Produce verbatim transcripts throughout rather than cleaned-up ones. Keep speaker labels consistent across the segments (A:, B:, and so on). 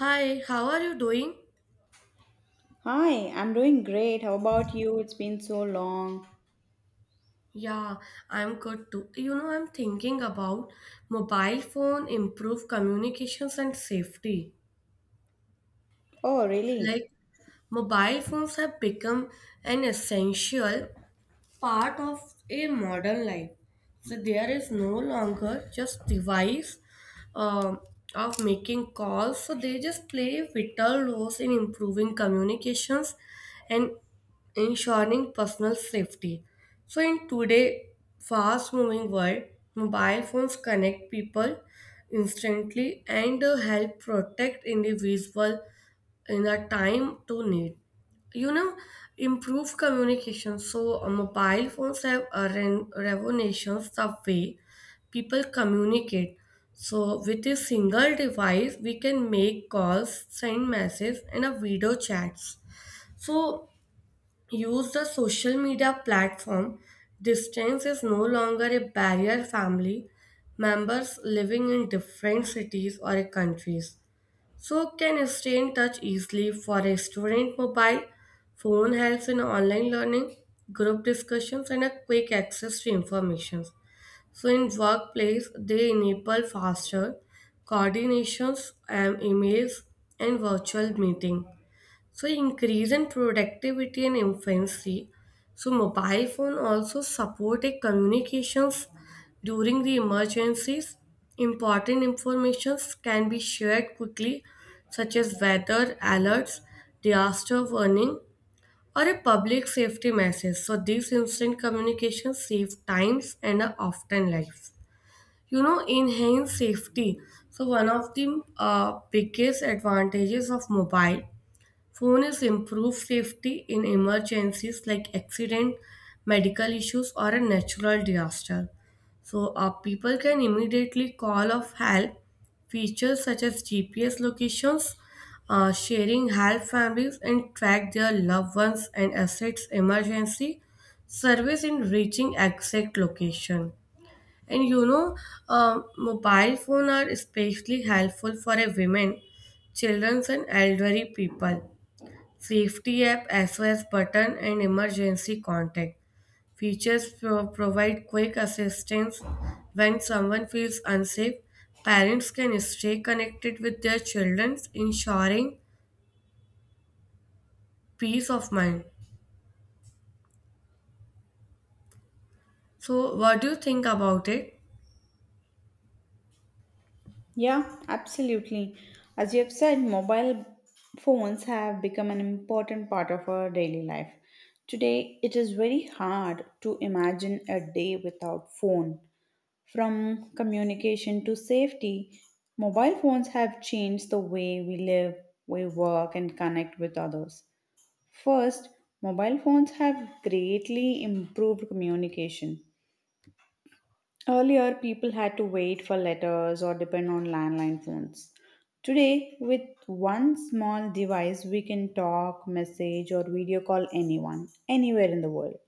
A: Hi, how are you doing?
B: Hi, I'm doing great. How about you? It's been so long.
A: Yeah, I'm good too. You know, I'm thinking about mobile phone improve communications and safety.
B: Oh, really?
A: Like mobile phones have become an essential part of a modern life. So there is no longer just device um of making calls. So they just play vital roles in improving communications and ensuring personal safety. So in today fast-moving world, mobile phones connect people instantly and uh, help protect individual in a time to need, you know, improve communication. So uh, mobile phones have uh, re- revolutionized the way people communicate. So with a single device we can make calls, send messages and a video chats. So use the social media platform, distance is no longer a barrier. Family members living in different cities or countries so can stay in touch easily. For a student, mobile phone helps in online learning, group discussions and a quick access to information. So in workplace they enable faster coordinations and emails and virtual meeting. So increase in productivity and efficiency. So mobile phone also supported communications during the emergencies. Important informations can be shared quickly, such as weather alerts, disaster warning, or a public safety message. So these instant communications save times and are often lives, you know, enhance safety. So one of the uh, biggest advantages of mobile phone is improve safety in emergencies like accident, medical issues, or a natural disaster. So, uh, people can immediately call of help. Features such as G P S locations, uh, sharing help families, and track their loved ones and assets emergency service in reaching exact location. And you know, uh, mobile phone are especially helpful for a women, children, and elderly people. Safety app, S O S button, and emergency contact. Features pro- provide quick assistance when someone feels unsafe. Parents can stay connected with their children, ensuring peace of mind. So, what do you think about it?
B: Yeah, absolutely. As you have said, mobile phones have become an important part of our daily life. Today, it is very hard to imagine a day without phone. From communication to safety, mobile phones have changed the way we live, we work, and connect with others. First, mobile phones have greatly improved communication. Earlier, people had to wait for letters or depend on landline phones. Today, with one small device, we can talk, message, or video call anyone, anywhere in the world.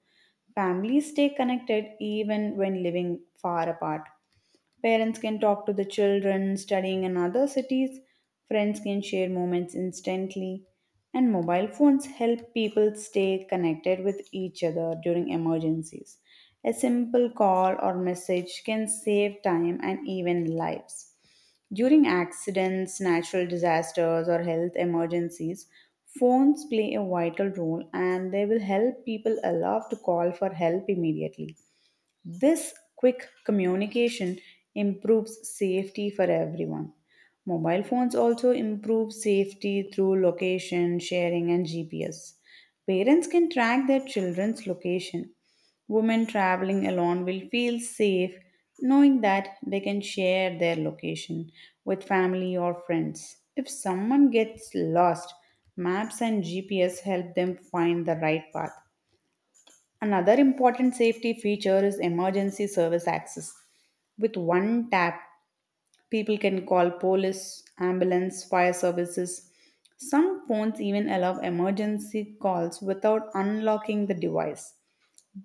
B: Families stay connected even when living far apart. Parents can talk to the children studying in other cities. Friends can share moments instantly. And mobile phones help people stay connected with each other during emergencies. A simple call or message can save time and even lives. During accidents, natural disasters, or health emergencies, phones play a vital role and they will help people aloft to call for help immediately. This quick communication improves safety for everyone. Mobile phones also improve safety through location sharing and G P S. Parents can track their children's location. Women traveling alone will feel safe knowing that they can share their location with family or friends. If someone gets lost, maps and G P S help them find the right path. Another important safety feature is emergency service access. With one tap, people can call police, ambulance, fire services. Some phones even allow emergency calls without unlocking the device.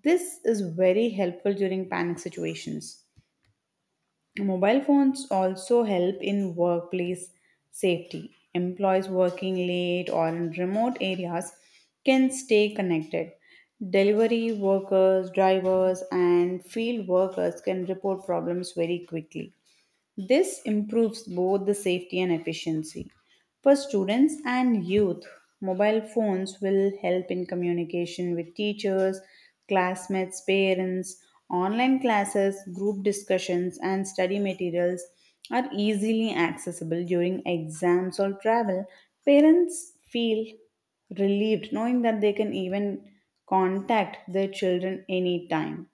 B: This is very helpful during panic situations. Mobile phones also help in workplace safety. Employees working late or in remote areas can stay connected. Delivery workers, drivers, and field workers can report problems very quickly. This improves both the safety and efficiency. For students and youth, mobile phones will help in communication with teachers, classmates, parents. Online classes, group discussions, and study materials are easily accessible during exams or travel. Parents feel relieved knowing that they can even contact their children anytime.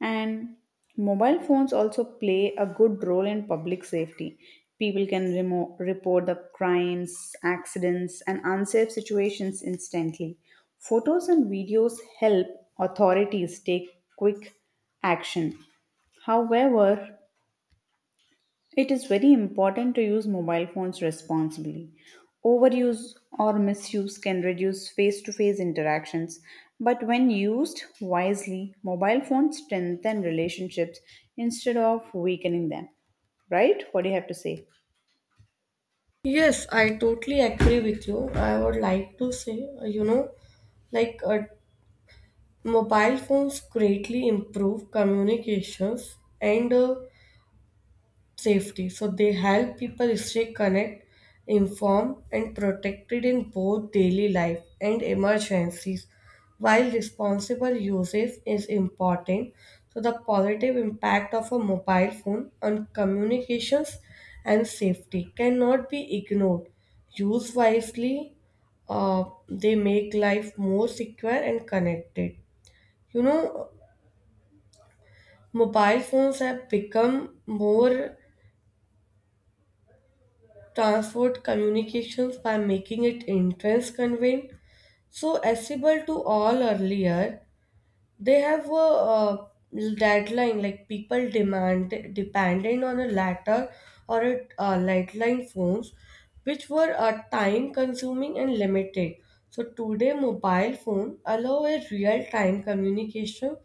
B: And mobile phones also play a good role in public safety. People can remo- report the crimes, accidents, and unsafe situations instantly. Photos and videos help authorities take quick action. However, it is very important to use mobile phones responsibly. Overuse or misuse can reduce face to face interactions, but when used wisely, mobile phones strengthen relationships instead of weakening them. Right? What do you have to say?
A: Yes, I totally agree with you. I would like to say, uh, you know, like uh, mobile phones greatly improve communications and uh, safety. So they help people stay connected, informed, and protected in both daily life and emergencies. While responsible usage is important, so the positive impact of a mobile phone on communications and safety cannot be ignored. Used wisely, uh, they make life more secure and connected. You know, mobile phones have become more transport communications by making it entrance convenient so accessible to all earlier. They have a, uh deadline like people demand dependent on a letter or a uh, landline phones, which were uh, time consuming and limited. So today mobile phone allow a real time communication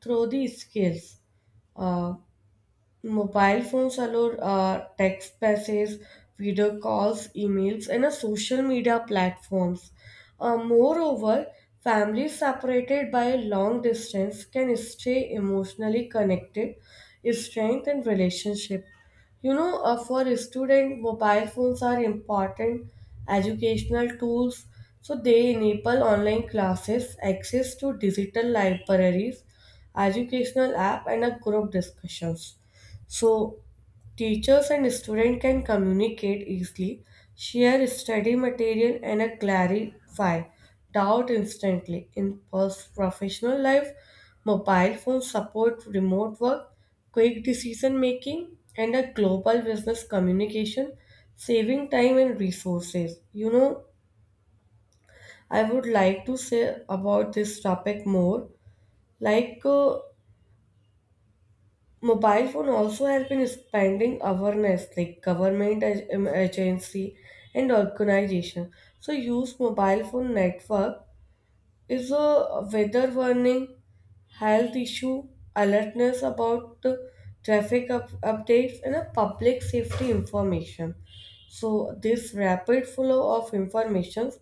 A: through the skills. Mobile phones allow uh, text messages, video calls, emails, and uh, social media platforms. Uh, moreover, families separated by a long distance can stay emotionally connected, strengthen relationship. You know, uh, for a student, mobile phones are important educational tools. So they enable online classes, access to digital libraries, educational app, and a group discussions. So, teachers and students can communicate easily, share study material, and uh, clarify doubt instantly. In pers- professional life, mobile phones support remote work, quick decision making, and a global business communication, saving time and resources. You know, I would like to say about this topic more. Like, uh, mobile phone also help in expanding awareness like government ag- um, agency and organization. So use mobile phone network is a weather warning, health issue alertness about the traffic up- updates and a public safety information. So this rapid flow of informations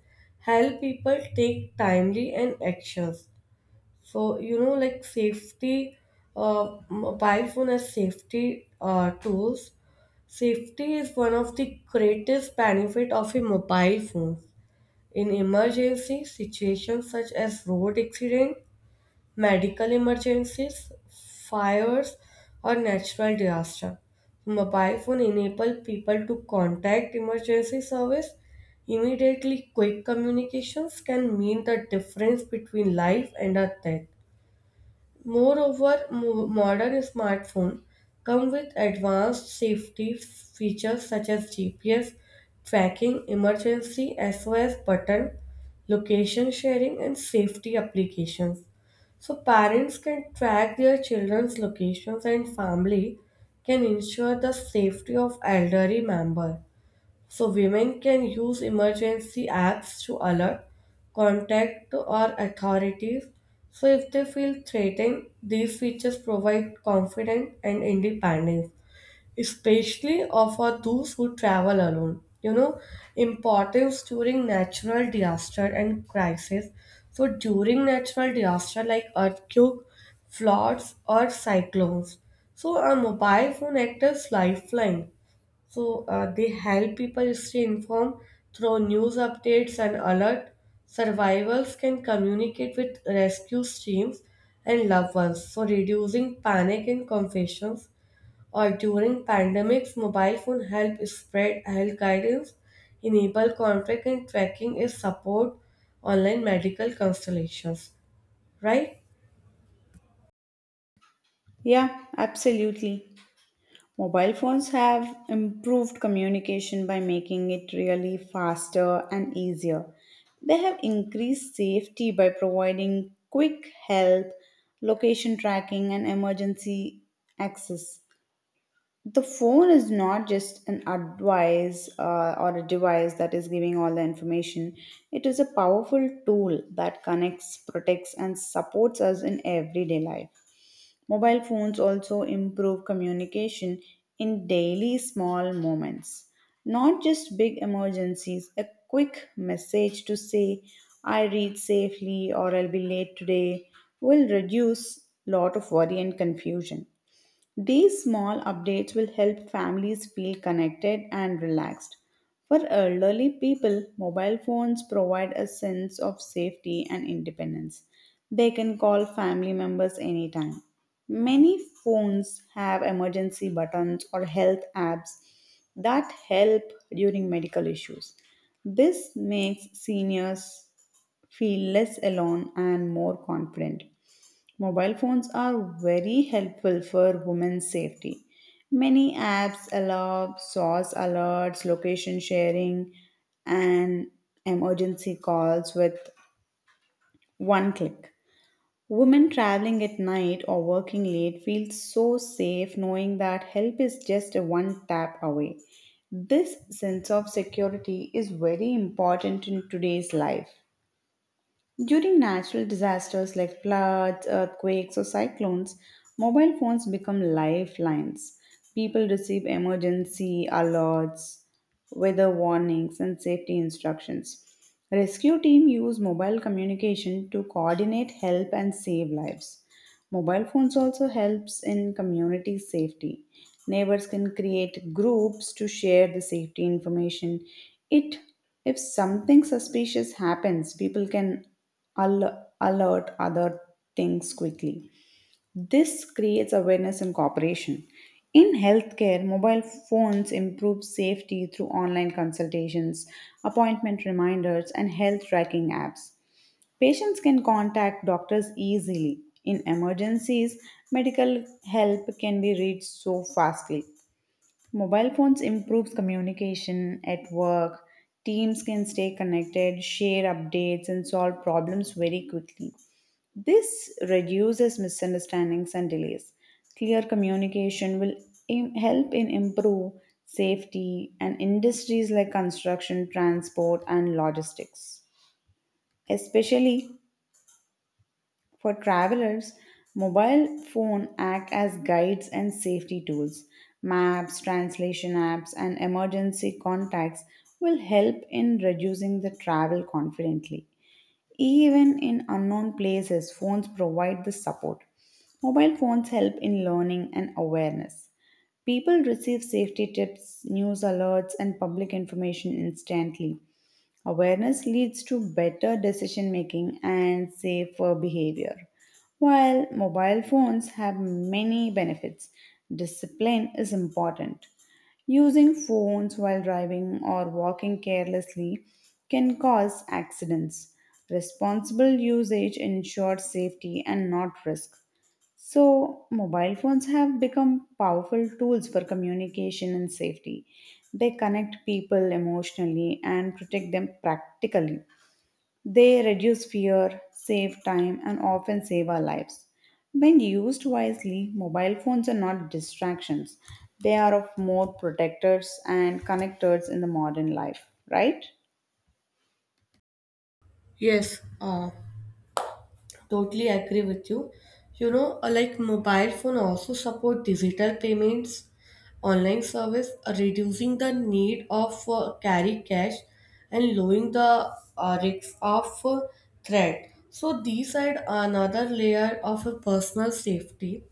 A: help people take timely and actions. So, you know, like safety, uh, mobile phone has safety uh, tools. Safety is one of the greatest benefit of a mobile phone. In emergency situations such as road accident, medical emergencies, fires, or natural disaster, mobile phone enable people to contact emergency service immediately. Quick communications can mean the difference between life and a death. Moreover, mo- modern smartphones come with advanced safety features such as G P S tracking, emergency S O S button, location sharing, and safety applications. So, parents can track their children's locations and family can ensure the safety of elderly member. So women can use emergency apps to alert, contact or authorities. So if they feel threatened, these features provide confidence and independence especially of for those who travel alone. You know, importance during natural disaster and crisis. So during natural disaster like earthquake, floods, or cyclones, so a mobile phone acts as lifeline. So uh, they help people stay informed through news updates and alert. Survivors can communicate with rescue teams and loved ones, so reducing panic and confusion or during pandemics, mobile phone help spread health guidance, enable contact and tracking is support online medical constellations, right?
B: Yeah, absolutely. Mobile phones have improved communication by making it really faster and easier. They have increased safety by providing quick help, location tracking, and emergency access. The phone is not just an advice uh, or a device that is giving all the information. It is a powerful tool that connects, protects, and supports us in everyday life. Mobile phones also improve communication in daily small moments, not just big emergencies. A quick message to say, I reach safely or I'll be late today, will reduce lot of worry and confusion. These small updates will help families feel connected and relaxed. For elderly people, mobile phones provide a sense of safety and independence. They can call family members anytime. Many phones have emergency buttons or health apps that help during medical issues. This makes seniors feel less alone and more confident. Mobile phones are very helpful for women's safety. Many apps allow S O S alerts, location sharing, and emergency calls with one click. Women traveling at night or working late feel so safe knowing that help is just a one tap away. This sense of security is very important in today's life. During natural disasters like floods, earthquakes, or cyclones, mobile phones become lifelines. People receive emergency alerts, weather warnings, and safety instructions. Rescue team use mobile communication to coordinate help and save lives. Mobile phones also helps in community safety. Neighbors can create groups to share the safety information. It if something suspicious happens, people can al- alert other things quickly. This creates awareness and cooperation. In healthcare, mobile phones improve safety through online consultations, appointment reminders, and health tracking apps. Patients can contact doctors easily. In emergencies, medical help can be reached so fastly. Mobile phones improves communication at work. Teams can stay connected, share updates and solve problems very quickly. This reduces misunderstandings and delays. Clear communication will im- help in improve safety and industries like construction, transport and logistics. Especially for travelers, mobile phone act as guides and safety tools. Maps, translation apps, and emergency contacts will help in reducing the travel confidently. Even in unknown places, phones provide the support. Mobile phones help in learning and awareness. People receive safety tips, news alerts, and public information instantly. Awareness leads to better decision making and safer behavior. While mobile phones have many benefits, discipline is important. Using phones while driving or walking carelessly can cause accidents. Responsible usage ensures safety and not risk. So, mobile phones have become powerful tools for communication and safety. They connect people emotionally and protect them practically. They reduce fear, save time, and often save our lives. When used wisely, mobile phones are not distractions, they are of more protectors and connectors in the modern life, right?
A: Yes, uh, totally agree with you. You know, uh, like mobile phone also support digital payments, online service, uh, reducing the need of uh, carry cash and lowering the uh, risk of uh, threat. So these are another layer of a personal safety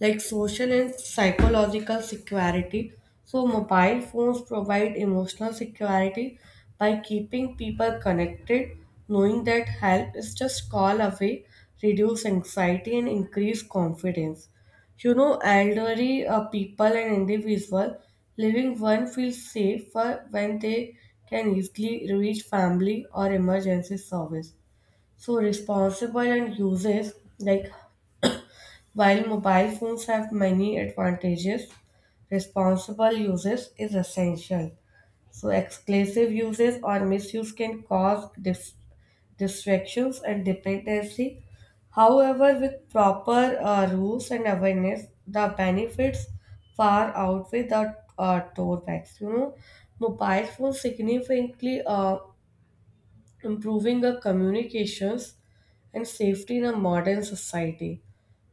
A: like social and psychological security. So, mobile phones provide emotional security by keeping people connected, knowing that help is just call away, reduce anxiety and increase confidence. You know, elderly uh, people and individual living one feels safer when they can easily reach family or emergency service. So responsible and uses like while mobile phones have many advantages, responsible uses is essential. So, exclusive uses or misuse can cause dis- distractions and dependency. However, with proper uh, rules and awareness, the benefits far outweigh the uh, drawbacks. You know, mobile phones significantly uh, improving the communications and safety in a modern society.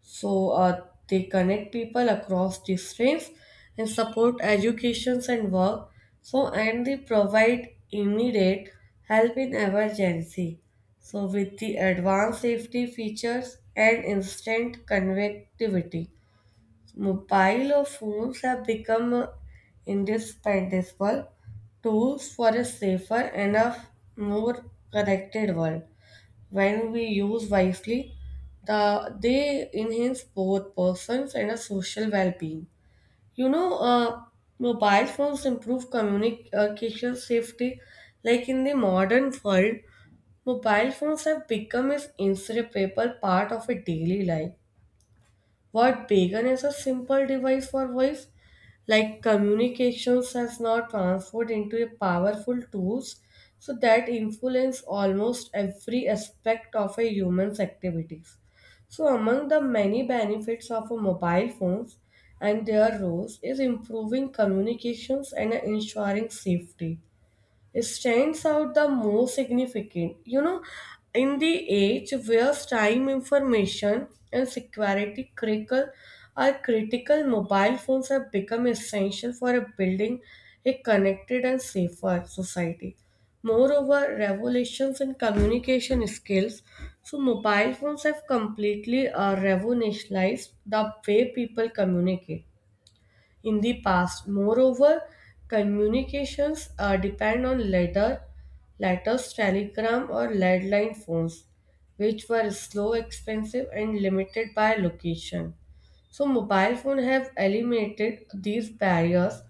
A: So uh, they connect people across disciplines and support educations and work. So and they provide immediate help in emergency. So with the advanced safety features and instant connectivity. Mobile phones have become uh, indispensable tools for a safer and a f- more connected world. When we use wisely, the, they enhance both persons and a social well-being. You know, uh, mobile phones improve communication safety. Like in the modern world, mobile phones have become an inseparable part of a daily life. What began as a simple device for voice, like communications, has now transformed into a powerful tools so that influence almost every aspect of a human's activities. So among the many benefits of a mobile phones and their roles is improving communications and ensuring safety stands out the most significant. You know, in the age where time, information, and security critical are critical, mobile phones have become essential for building a connected and safer society. Moreover, revolutions in communication skills. So, mobile phones have completely uh, revolutionized the way people communicate in the past. Moreover, communications uh, depend on letter, letters, telegram, or landline phones, which were slow, expensive, and limited by location. So mobile phone have eliminated these barriers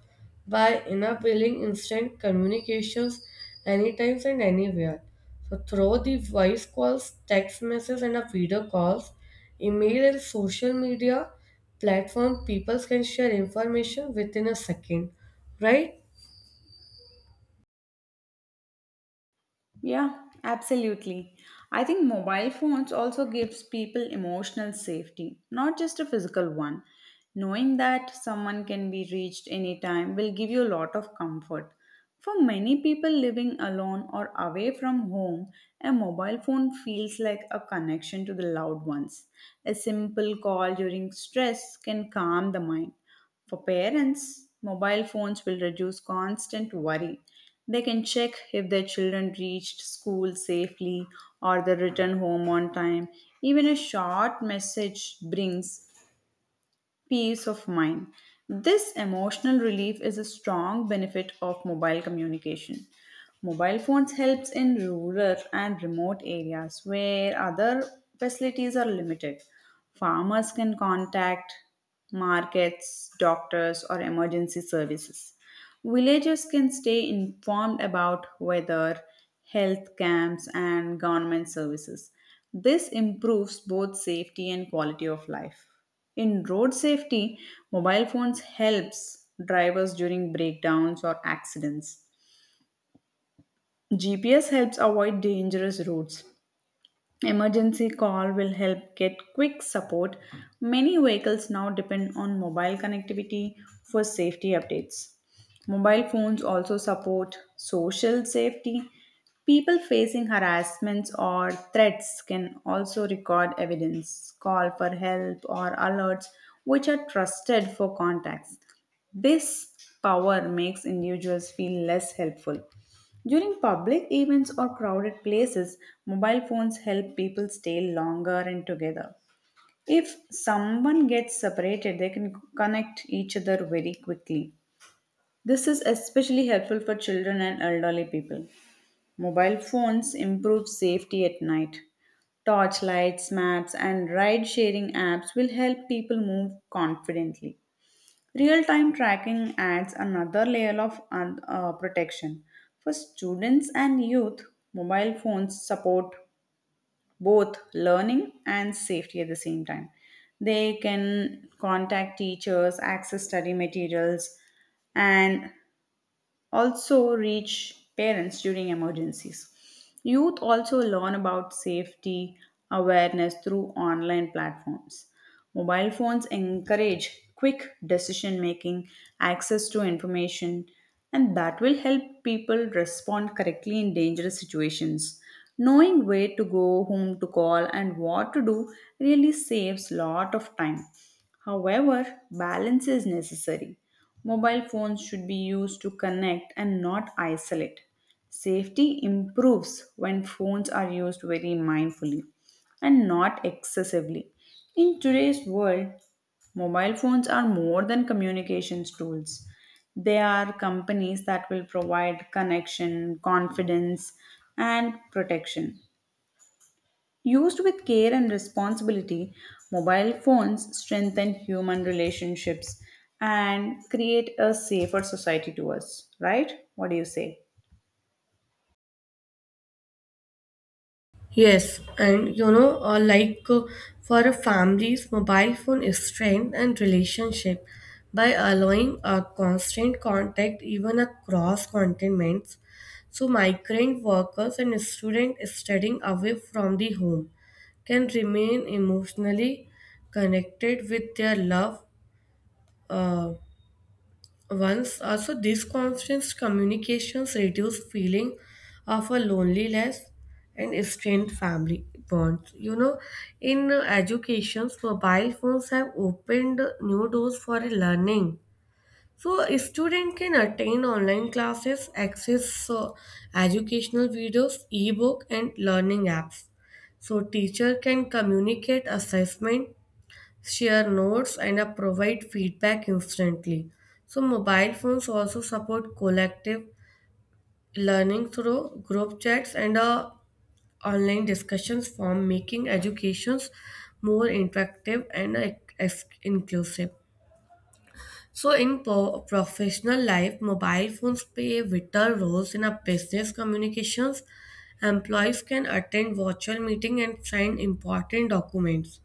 A: by enabling instant communications anytime and anywhere. So through the voice calls, text messages and a video calls, email and social media platform, people can share information within a second, right?
B: Yeah, absolutely. I think mobile phones also gives people emotional safety, not just a physical one. Knowing that someone can be reached anytime will give you a lot of comfort. For many people living alone or away from home, a mobile phone feels like a connection to the loved ones. A simple call during stress can calm the mind. For parents, mobile phones will reduce constant worry. They can check if their children reached school safely or they returned home on time. Even a short message brings peace of mind. This emotional relief is a strong benefit of mobile communication. Mobile phones helps in rural and remote areas where other facilities are limited. Farmers can contact markets, doctors or emergency services. Villagers can stay informed about weather, health camps, and government services. This improves both safety and quality of life. In road safety, mobile phones helps drivers during breakdowns or accidents. G P S helps avoid dangerous routes. Emergency call will help get quick support. Many vehicles now depend on mobile connectivity for safety updates. Mobile phones also support social safety. People facing harassments or threats can also record evidence, call for help, or alerts, which are trusted for contacts. This power makes individuals feel less helpful. During public events or crowded places, mobile phones help people stay longer and together. If someone gets separated, they can connect each other very quickly. This is especially helpful for children and elderly people. Mobile phones improve safety at night. Torchlights, maps, and ride sharing apps will help people move confidently. Real time tracking adds another layer of un- uh, protection. For students and youth, mobile phones support both learning and safety at the same time. They can contact teachers, access study materials, and also reach parents during emergencies. Youth also learn about safety awareness through online platforms. Mobile phones encourage quick decision making, access to information, and that will help people respond correctly in dangerous situations. Knowing where to go, whom to call, and what to do really saves lot of time. However, balance is necessary. Mobile phones should be used to connect and not isolate. Safety improves when phones are used very mindfully and not excessively. In today's world, mobile phones are more than communications tools. They are companies that will provide connection, confidence, and protection. Used with care and responsibility, mobile phones strengthen human relationships and create a safer society to us, right? What do you say?
A: Yes, and you know, uh, like uh, for a family's mobile phone is strength and relationship by allowing a constant contact even across continents. So migrant workers and students studying away from the home can remain emotionally connected with their love. uh, Once also these constant communications reduce feeling of a loneliness and strained family bonds. You know, in uh, educations, mobile phones have opened new doors for learning. So a student can attend online classes, access uh, educational videos, ebook and learning apps. So teacher can communicate assessment, share notes and uh, provide feedback instantly. So mobile phones also support collective learning through group chats and uh, online discussions form making educations more interactive and uh, ex- inclusive. So, in po- professional life, mobile phones play vital roles in our business communications. Employees can attend virtual meeting and sign important documents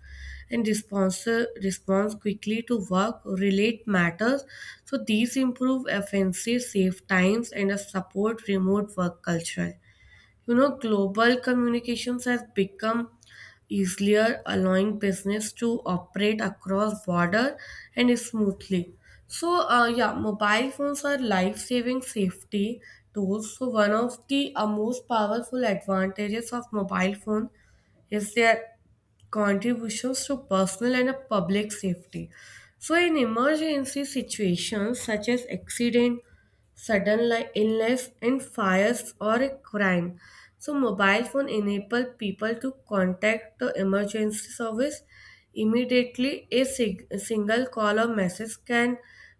A: and response, response quickly to work, relate matters. So, these improve efficiency, save times, and uh, support remote work culture. You know, global communications has become easier, allowing business to operate across border and smoothly. So, uh, yeah, mobile phones are life-saving safety tools. So, one of the uh, most powerful advantages of mobile phone is their contributions to personal and uh, public safety. So, in emergency situations such as accident sudden like illness and fires or a crime. So mobile phone enable people to contact the emergency service immediately. A, sig- a single call or message can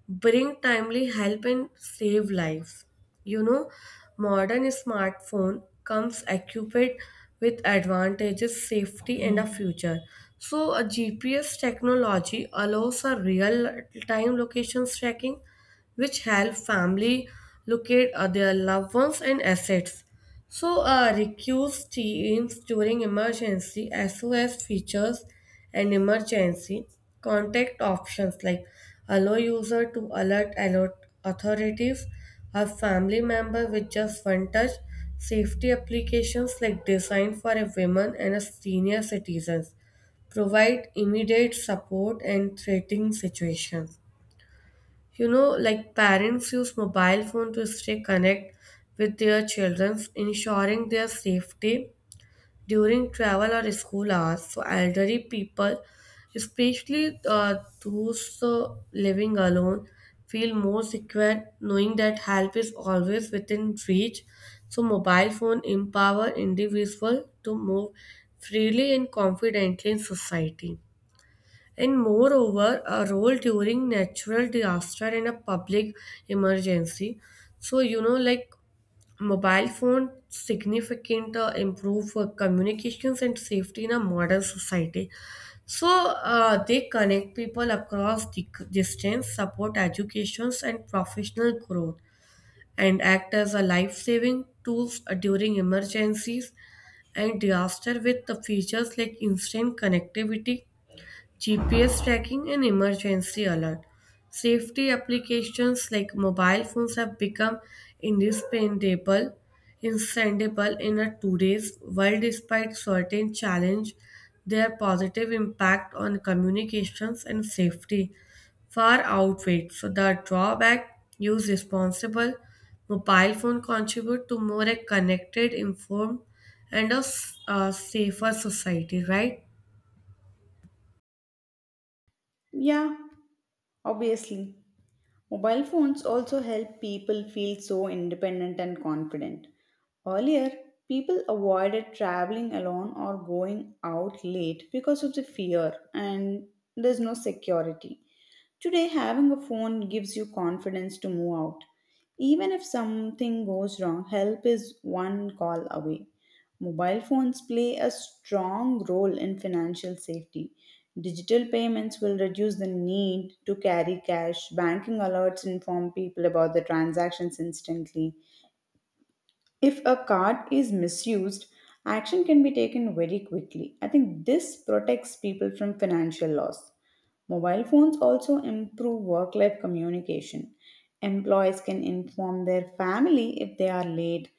A: bring timely help and save lives. You know, modern smartphone comes equipped with advantages, safety, and a future. So, a G P S technology allows a real-time location tracking which help family locate uh, their loved ones and assets. So, uh, recuse teams during emergency, S O S features, and emergency contact options like allow user to alert alert authorities or family member with just one touch. Safety applications like designed for a women and a senior citizens provide immediate support and threatening situations. You know, like parents use mobile phone to stay connect with their children, ensuring their safety during travel or school hours. So elderly people, especially uh, those uh, living alone, feel more secure knowing that help is always within reach. So mobile phone empower individual to move freely and confidently in society. And moreover, a role during natural disaster and a public emergency. So, you know, like mobile phone significant uh, improve uh, communications and safety in a modern society. So uh, they connect people across di- distance, support educations and professional growth, and act as a life-saving tools uh, during emergencies and disaster with the features like instant connectivity, G P S tracking, and emergency alert. Safety applications like mobile phones have become indispensable, indispensable in a today's world. Despite certain challenge, their positive impact on communications and safety far outweighs. So the drawback, use responsible. Mobile phone contribute to more a connected, informed, and a s- a safer society. Right?
B: Yeah, obviously. Mobile phones also help people feel so independent and confident. Earlier, people avoided traveling alone or going out late because of the fear and there's no security. Today, having a phone gives you confidence to move out. Even if something goes wrong, help is one call away. Mobile phones play a strong role in financial safety. Digital payments will reduce the need to carry cash. Banking alerts inform people about the transactions instantly if a card is misused, action can be taken very quickly. I think this protects people from financial loss. Mobile phones also improve work life communication. Employees can inform their family if they are late.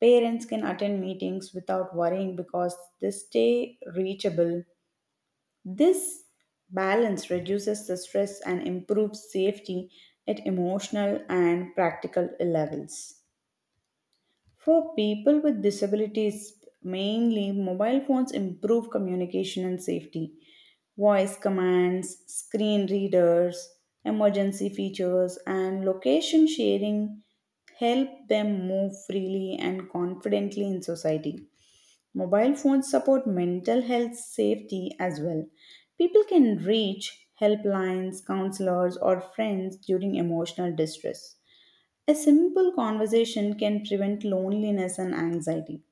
B: Parents can attend meetings without worrying because they stay reachable. This balance reduces the stress and improves safety at emotional and practical levels. For people with disabilities, mainly mobile phones improve communication and safety. Voice commands, screen readers, emergency features, and location sharing help them move freely and confidently in society. Mobile phones support mental health safety as well. People can reach helplines, counselors, or friends during emotional distress. A simple conversation can prevent loneliness and anxiety.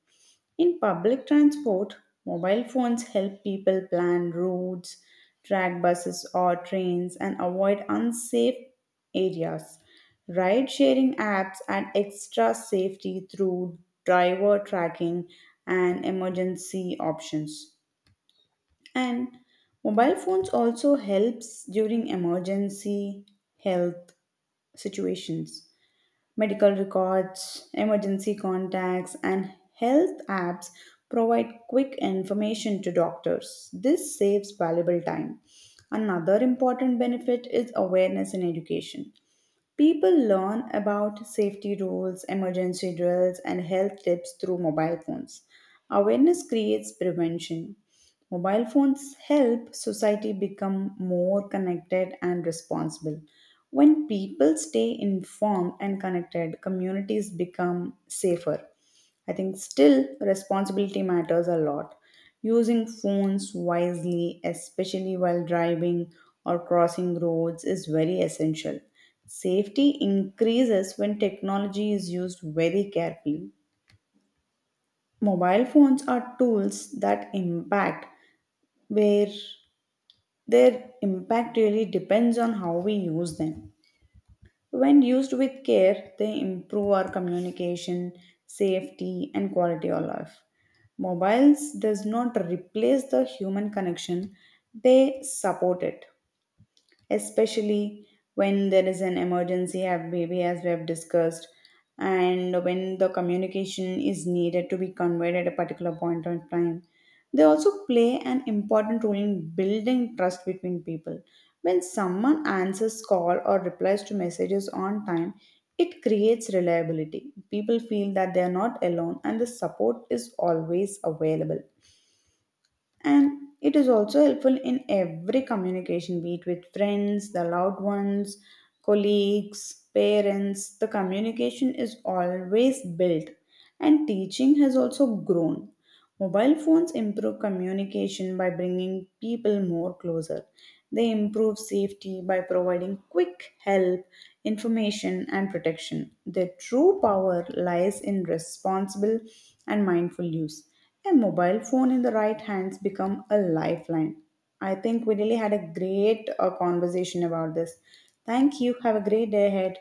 B: In public transport, mobile phones help people plan routes, track buses or trains, and avoid unsafe areas. Ride sharing apps add extra safety through driver tracking and emergency options. And mobile phones also helps during emergency health situations. Medical records, emergency contacts, and health apps provide quick information to doctors. This saves valuable time. Another important benefit is awareness in education. People learn about safety rules, emergency drills, and health tips through mobile phones. Awareness creates prevention. Mobile phones help society become more connected and responsible. When people stay informed and connected, communities become safer. I think still responsibility matters a lot. Using phones wisely, especially while driving or crossing roads, is very essential. Safety increases when technology is used very carefully. Mobile phones are tools that impact, where their impact really depends on how we use them. When used with care, they improve our communication, safety, and quality of life. Mobiles does not replace the human connection, they support it, especially when there is an emergency, as maybe as we have discussed, and when the communication is needed to be conveyed at a particular point of time. They also play an important role in building trust between people. When someone answers call or replies to messages on time, it creates reliability. People feel that they are not alone and the support is always available. And it is also helpful in every communication, be it with friends, the loud ones, colleagues, parents. The communication is always built, and teaching has also grown. Mobile phones improve communication by bringing people more closer. They improve safety by providing quick help, information, and protection. Their true power lies in responsible and mindful use. A mobile phone in the right hands become a lifeline. I think we really had a great uh, conversation about this. Thank you. Have a great day ahead.